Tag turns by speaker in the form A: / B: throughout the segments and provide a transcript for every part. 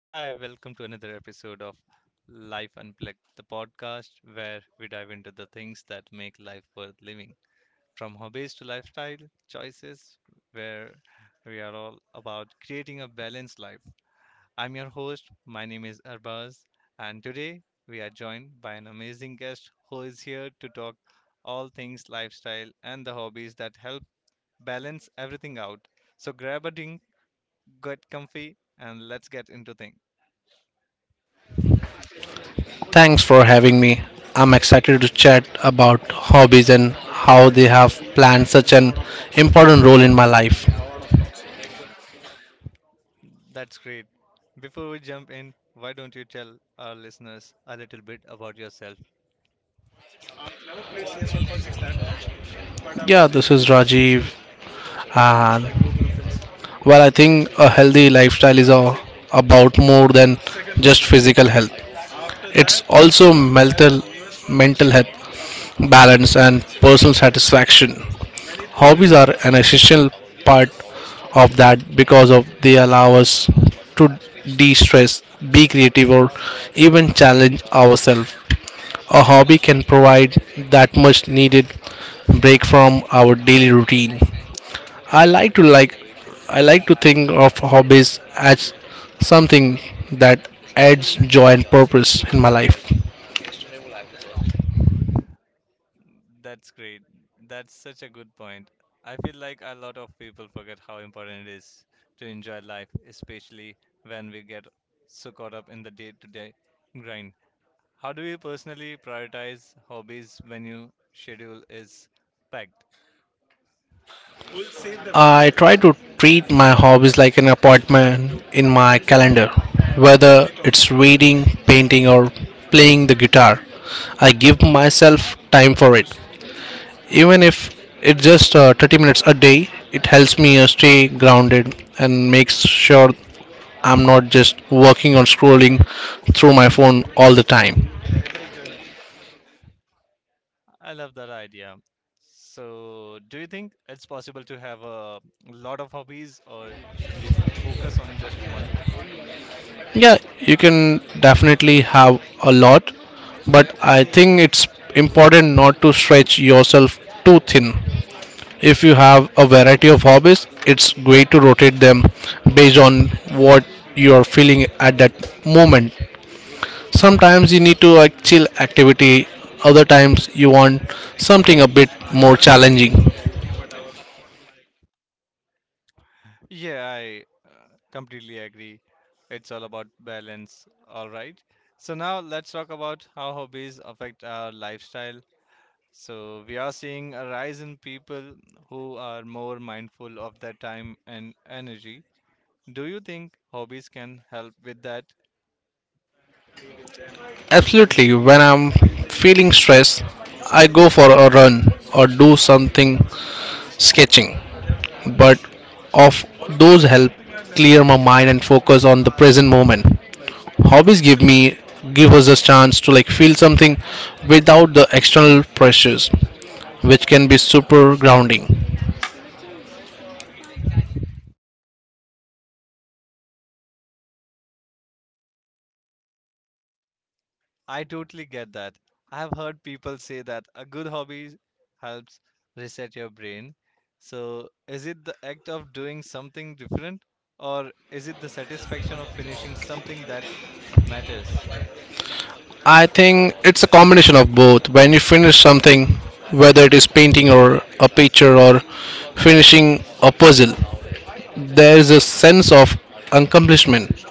A: Hi, welcome to another episode of Life Unplugged, the podcast where we dive into the things that make life worth living. From hobbies to lifestyle choices, where we are all about creating a balanced life. I'm your host, my name is Arbaz, and today we are joined by an amazing guest who is here to talk all things lifestyle and the hobbies that help balance everything out. So grab a drink, get comfy, and let's get into things.
B: Thanks for having me. I'm excited to chat about hobbies and how they have planned such an important role in my life.
A: That's great. Before we jump in, why don't you tell our listeners a little bit about yourself?
B: Yeah, this is Rajiv. And well, I think a healthy lifestyle is a, about more than just physical health. It's also mental, health, balance, and personal satisfaction. Hobbies are an essential part of that because of they allow us to de-stress, be creative, or even challenge ourselves. A hobby can provide that much needed break from our daily routine. I like to like I like to think of hobbies as something that adds joy and purpose in my life.
A: That's great. That's such a good point. I feel like a lot of people forget how important it is to enjoy life, especially when we get so caught up in the day-to-day grind. How do you personally prioritize hobbies when your schedule is packed?
B: I try to treat my hobbies like an appointment in my calendar. Whether it's reading, painting, or playing the guitar, I give myself time for it. Even if it's just 30 minutes a day, it helps me stay grounded and makes sure I'm not just working on scrolling through my phone all the time.
A: I love that idea. So, do you think it's possible to have a lot of hobbies, or should we focus on just one?
B: Yeah, you can definitely have a lot, but I think it's important not to stretch yourself too thin. If you have a variety of hobbies, it's great to rotate them based on what you are feeling at that moment. Sometimes you need to a chill activity, other times you want something a bit more challenging.
A: Yeah, I completely agree. It's all about balance. All right. So, now let's talk about how hobbies affect our lifestyle. So, we are seeing a rise in people who are more mindful of their time and energy. Do you think hobbies can help with that?
B: Absolutely, when I'm feeling stressed, I go for a run or do something sketching. But of those help clear my mind and focus on the present moment. Hobbies give us a chance to like feel something without the external pressures, which can be super grounding.
A: I totally get that. I have heard people say that a good hobby helps reset your brain. So, is it the act of doing something different or is it the satisfaction of finishing something that matters?
B: I think it's a combination of both. When you finish something, whether it is painting or a picture or finishing a puzzle, there is a sense of accomplishment,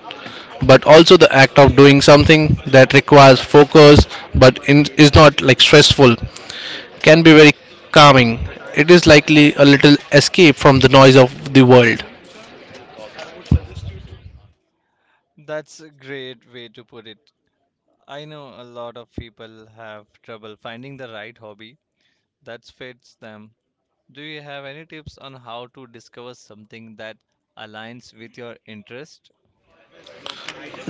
B: but also the act of doing something that requires focus but is not like stressful can be very calming. It is likely a little escape from the noise of the world.
A: That's a great way to put it. I know a lot of people have trouble finding the right hobby that fits them. Do you have any tips on how to discover something that aligns with your interest?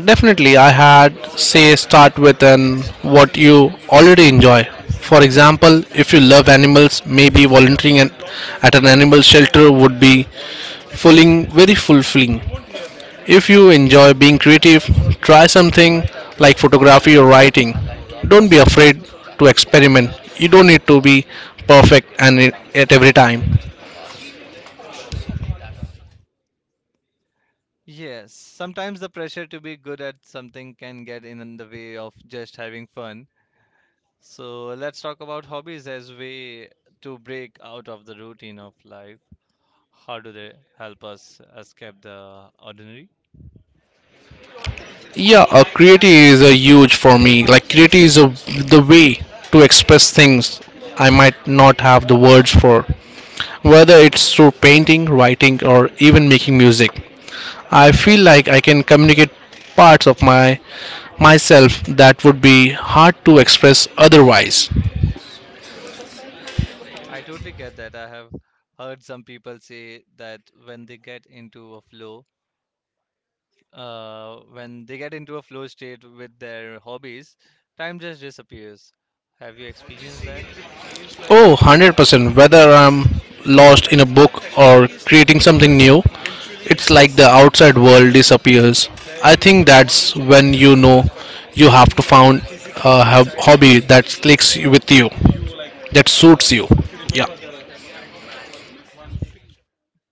B: Definitely, I had say start with an what you already enjoy. For example, if you love animals, maybe volunteering at an animal shelter would be fulfilling, very fulfilling. If you enjoy being creative, try something like photography or writing. Don't be afraid to experiment. You don't need to be perfect and at every time.
A: Yes, sometimes the pressure to be good at something can get in the way of just having fun. So let's talk about hobbies as way to break out of the routine of life. How do they help us escape the ordinary?
B: Yeah, creativity is a huge for me, like creativity is a, the way to express things I might not have the words for, whether it's through painting, writing, or even making music. I feel like I can communicate parts of my myself that would be hard to express otherwise.
A: I totally get that. I have heard some people say that when they get into a flow, when they get into a flow state with their hobbies, time just disappears. Have you experienced that?
B: Oh, 100%. Whether I'm lost in a book or creating something new, it's like the outside world disappears. I think that's when you know you have to found a hobby that clicks with you, that suits you. Yeah.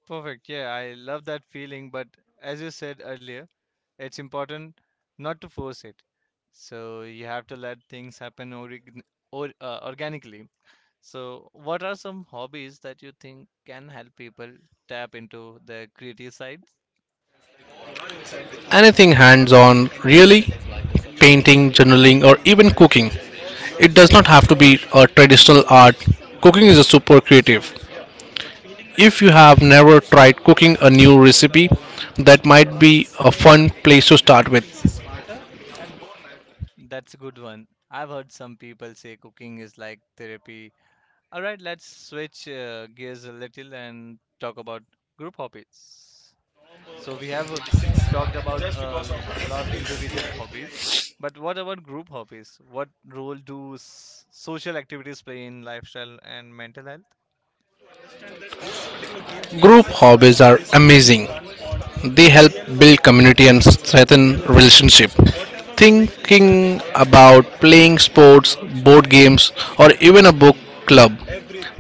A: Perfect. Yeah, I love that feeling. But as you said earlier, it's important not to force it. So you have to let things happen or organically. So, what are some hobbies that you think can help people tap into their creative sides?
B: Anything hands on, really? Painting, journaling, or even cooking. It does not have to be a traditional art. Cooking is a super creative. If you have never tried cooking a new recipe, that might be a fun place to start with.
A: That's a good one. I've heard some people say cooking is like therapy. All right, let's switch gears a little and talk about group hobbies. So we have talked about a lot individual hobbies, but what about group hobbies? What role do social activities play in lifestyle and mental health?
B: Group hobbies are amazing. They help build community and strengthen relationship. Thinking about playing sports, board games, or even a book club.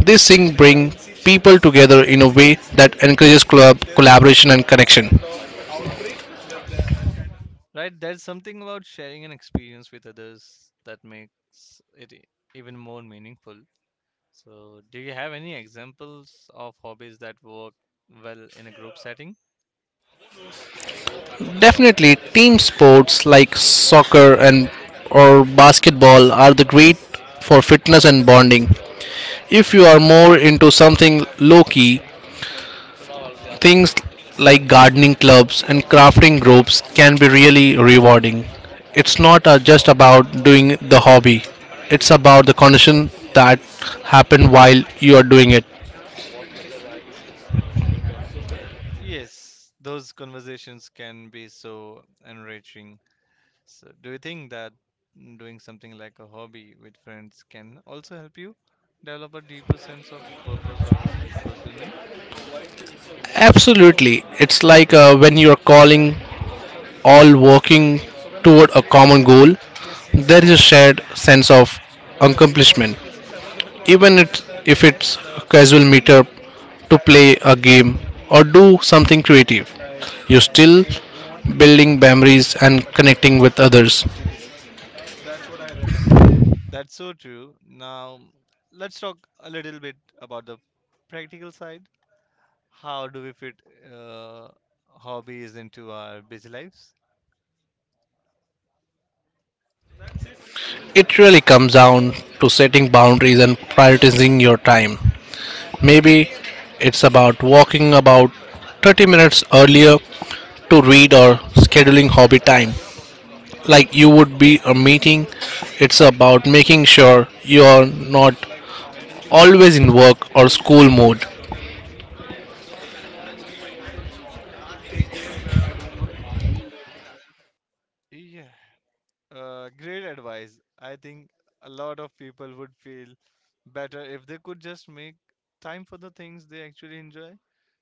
B: These things bring people together in a way that encourages collaboration and connection.
A: Right, there's something about sharing an experience with others that makes it even more meaningful. So, do you have any examples of hobbies that work well in a group setting?
B: Definitely, team sports like soccer and or basketball are the great for fitness and bonding. If you are more into something low key, things like gardening clubs and crafting groups can be really rewarding. It's not just about doing the hobby; it's about the condition that happen while you are doing it.
A: Yes, those conversations can be so enriching. So, do you think that doing something like a hobby with friends can also help you develop a deeper sense of purpose or fulfillment?
B: Absolutely, it's like when you are calling all working toward a common goal, there is a shared sense of accomplishment. Even if it's a casual meetup to play a game or do something creative, you're still building memories and connecting with others.
A: That's so true. Now, let's talk a little bit about the practical side. How do we fit uh, hobbies into our busy lives?
B: It really comes down to setting boundaries and prioritizing your time. Maybe it's about walking about 30 minutes earlier to read or scheduling hobby time. Like you would be a meeting. It's about making sure you're not always in work or school mode.
A: Yeah, great advice. I think a lot of people would feel better if they could just make time for the things they actually enjoy.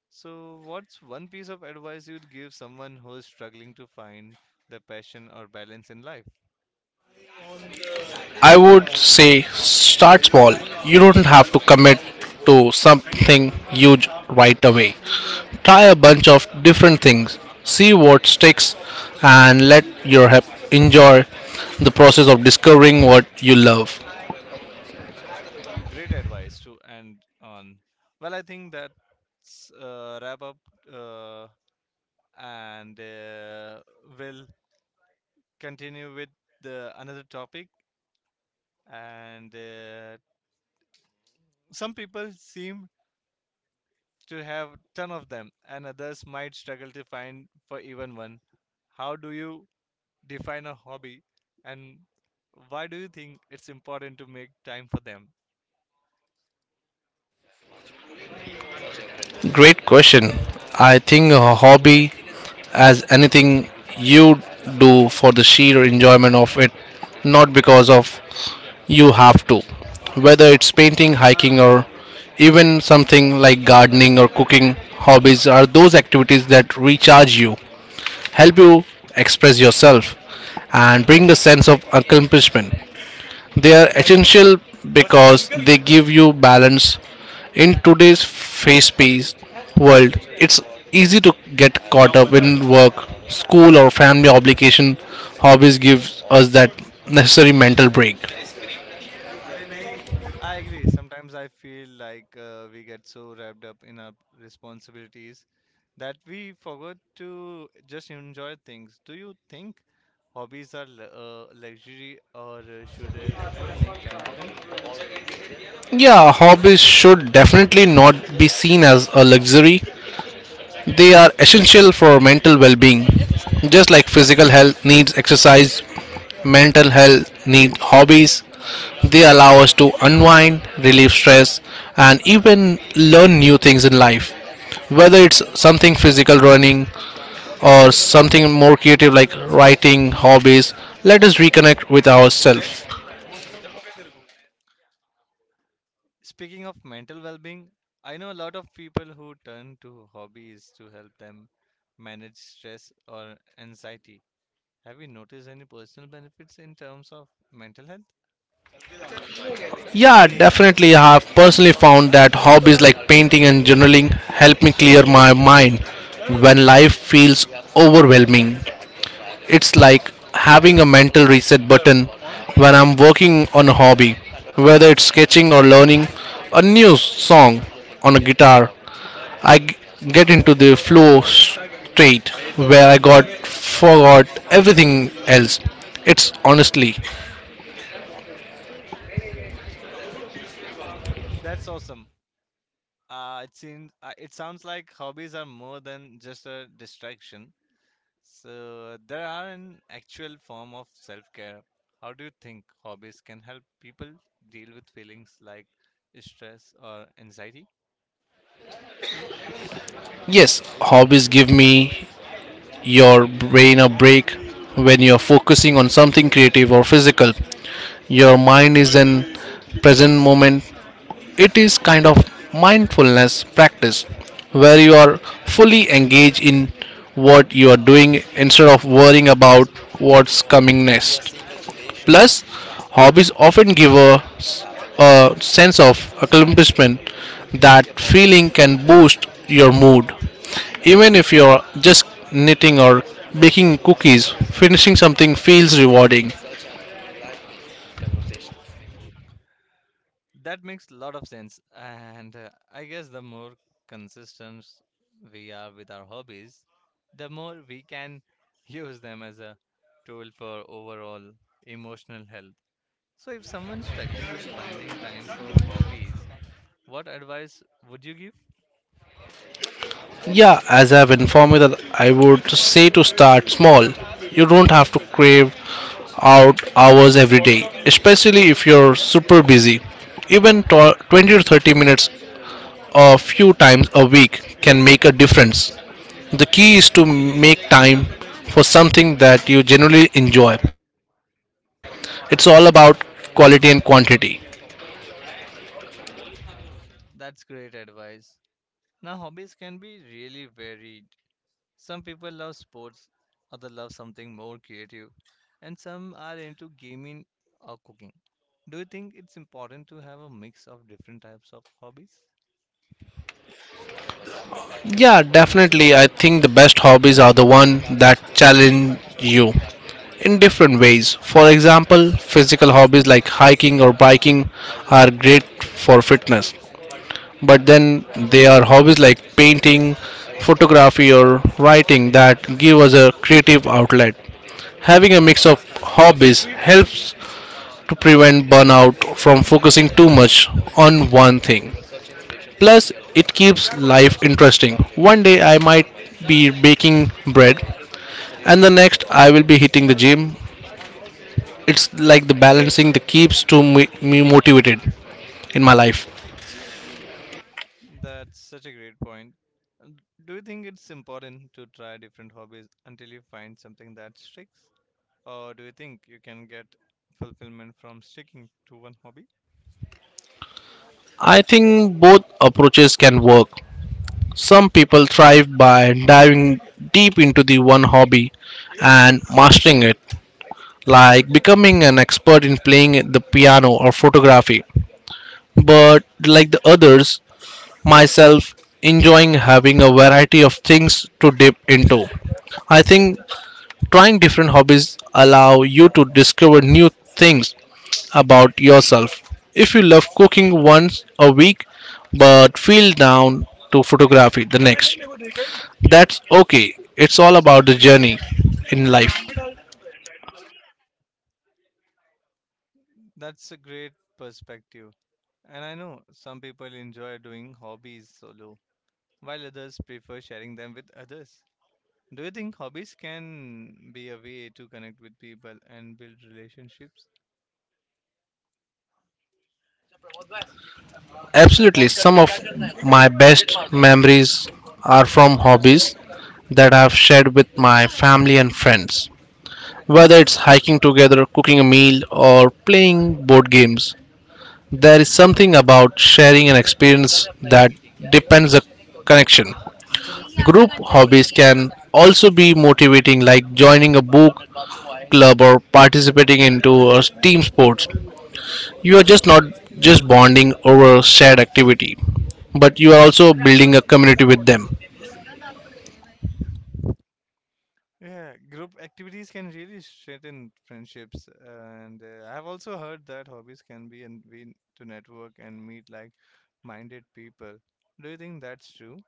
A: So, what's one piece of advice you'd give someone who is struggling to find the passion or balance in life?
B: I would say start small. You don't have to commit to something huge right away. Try a bunch of different things, see what sticks, and let your help enjoy the process of discovering what you love.
A: Great advice to end on. Well, I think that's wrap up, uh, and we'll continue with the another topic. And some people seem to have ton of them, and others might struggle to find for even one. How do you define a hobby and why do you think it's important to make time for them?
B: Great question. I think a hobby as anything you do for the sheer enjoyment of it, not because of you have to. Whether it's painting, hiking, or even something like gardening or cooking, hobbies are those activities that recharge you, help you express yourself, and bring a sense of accomplishment. They are essential because they give you balance. In today's fast paced world, it's easy to get caught up in work, school, or family obligation. Hobbies give us that necessary mental break.
A: I agree. Sometimes I feel like we get so wrapped up in our responsibilities that we forgot to just enjoy things. Do you think hobbies are luxury or should everyone make time for them?
B: Yeah, hobbies should definitely not be seen as a luxury. They are essential for mental well being. Just like physical health needs exercise, mental health needs hobbies. They allow us to unwind, relieve stress, and even learn new things in life. Whether it's something physical running or something more creative like writing, hobbies, let us reconnect with ourselves.
A: Speaking of mental well-being, I know a lot of people who turn to hobbies to help them manage stress or anxiety. Have you noticed any personal benefits in terms of mental health?
B: Yeah, definitely. I have personally found that hobbies like painting and journaling help me clear my mind when life feels overwhelming. It's like having a mental reset button when I'm working on a hobby, whether it's sketching or learning a new song on a guitar. I get into the flow state where I got forgot everything else. It's honestly,
A: That's awesome. It sounds like hobbies are more than just a distraction. So there are an actual form of self-care. How do you think hobbies can help people deal with feelings like stress or anxiety?
B: yes, hobbies give me your brain a break when you're focusing on something creative or physical. Your mind is in present moment, it is kind of mindfulness practice where you are fully engaged in what you are doing instead of worrying about what's coming next. Plus hobbies often give us a sense of accomplishment, that feeling can boost your mood even if you're just knitting or baking cookies, finishing something feels rewarding.
A: That makes a lot of sense. And I guess the more consistent we are with our hobbies, the more we can use them as a tool for overall emotional health. So, if someone's struggling with finding time for hobbies, what advice would you give?
B: Yeah, as I've informed you that I would say to start small. You don't have to crave out hours every day, especially if you're super busy. Even 20 to 30 minutes a few times a week can make a difference. The key is to make time for something that you genuinely enjoy. It's all about quality and quantity.
A: That's great advice. Now, hobbies can be really varied. Some people love sports, others love something more creative, and some are into gaming or cooking. Do you think it's important to have a mix of different types of hobbies?
B: Yeah, definitely. I think the best hobbies are the one that challenge you in different ways. For example, physical hobbies like hiking or biking are great for fitness. But then there are hobbies like painting, photography or writing that give us a creative outlet. Having a mix of hobbies helps to prevent burnout from focusing too much on one thing. Plus, it keeps life interesting. One day I might be baking bread, and the next I will be hitting the gym. It's like the balancing that keeps to me motivated in my life.
A: That's such a great point. Uh, Do you think it's important to try different hobbies until you find something that sticks? Or do you think you can get fulfillment from sticking to one hobby?
B: I think both approaches can work. Some people thrive by diving deep into the one hobby and mastering it, like becoming an expert in playing the piano or photography. But like the others, myself enjoying having a variety of things to dip into. I think trying different hobbies allow you to discover new things about yourself. If you love cooking once a week but feel down to photography the next, that's okay. It's all about the journey in life.
A: That's a great perspective. And I know some people enjoy doing hobbies solo, while others prefer sharing them with others. Do you think hobbies can be a way to connect with people and build relationships?
B: Absolutely, some of my best memories are from hobbies that I've shared with my family and friends. Whether it's hiking together, cooking a meal, or playing board games, there is something about sharing an experience that depends the connection. Group hobbies can also be motivating like joining a book club or participating into a team sports. You are just not just bonding over a shared activity, but you are also building a community with them.
A: Yeah, group activities can really strengthen friendships, and I have also heard that hobbies can be a way to network and meet like-minded people. Do you think that's true?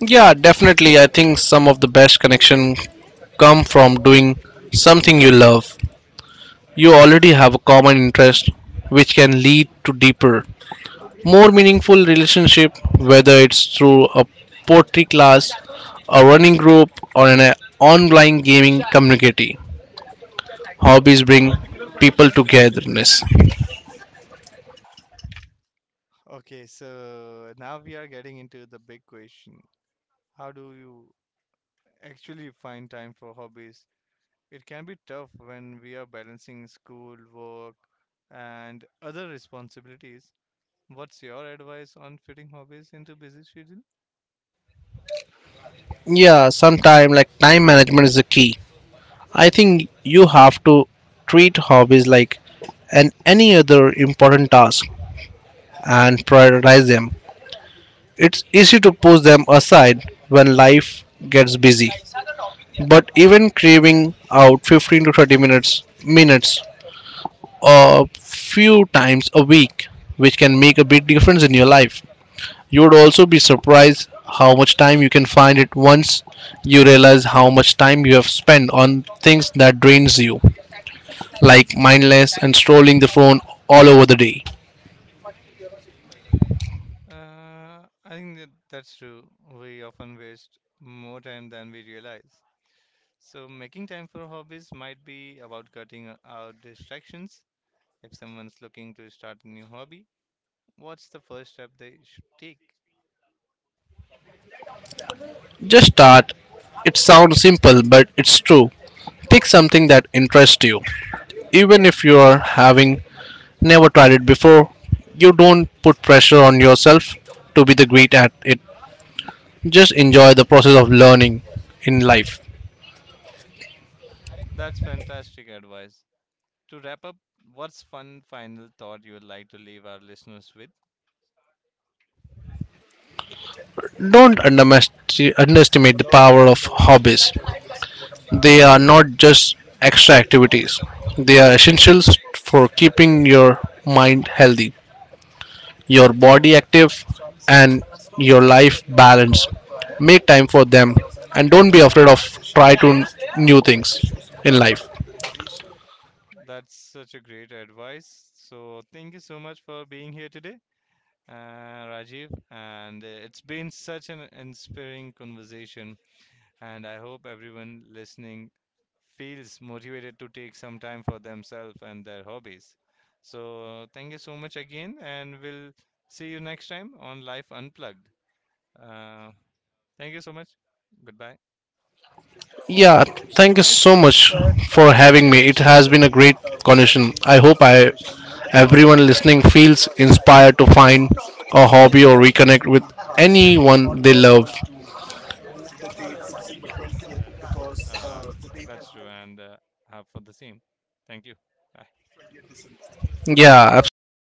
B: Yeah, definitely I think some of the best connection come from doing something you love. You already have a common interest, which can lead to deeper, more meaningful relationship, whether it's through a poetry class, a running group, or an online gaming community. Hobbies bring people togetherness.
A: Okay, so now we are getting into the big question. How do you actually find time for hobbies? It can be tough when we are balancing school, work, and other responsibilities. What's your advice on fitting hobbies into busy schedule?
B: Yeah, sometime like time management is the key. I think you have to treat hobbies like and any other important task and prioritize them. It's easy to push them aside when life gets busy. But even craving out 15 to 30 minutes a few times a week which can make a big difference in your life. You would also be surprised how much time you can find it once you realize how much time you have spent on things that drains you like mindless and strolling the phone all over the day.
A: I think that's true. We often waste more time than we realize. So, making time for hobbies might be about cutting out distractions. If someone's looking to start a new hobby, what's the first step they should take?
B: Just start, it sounds simple but it's true, pick something that interests you even if you are having never tried it before. You don't put pressure on yourself to be the great at it. Just enjoy the process of learning in life.
A: That's fantastic advice. To wrap up, what's one final thought you would like to leave our listeners with?
B: Don't underestimate the power of hobbies. They are not just extra activities. They are essentials for keeping your mind healthy, your body active, and your life balanced. Make time for them and don't be afraid of try to new things in life.
A: That's such a great advice. So thank you so much for being here today, Rajiv. And it's been such an inspiring conversation. And I hope everyone listening feels motivated to take some time for themselves and their hobbies. So thank you so much again, and we'll see you next time on Life Unplugged. Uh, Thank you so much. Goodbye.
B: Yeah, thank you so much for having me. It has been a great conversation. I hope I everyone listening feels inspired to find a hobby or reconnect with anyone they love.
A: That's uh, that's true, and have for the same. Thank you. Bye.
B: Yeah, absolutely.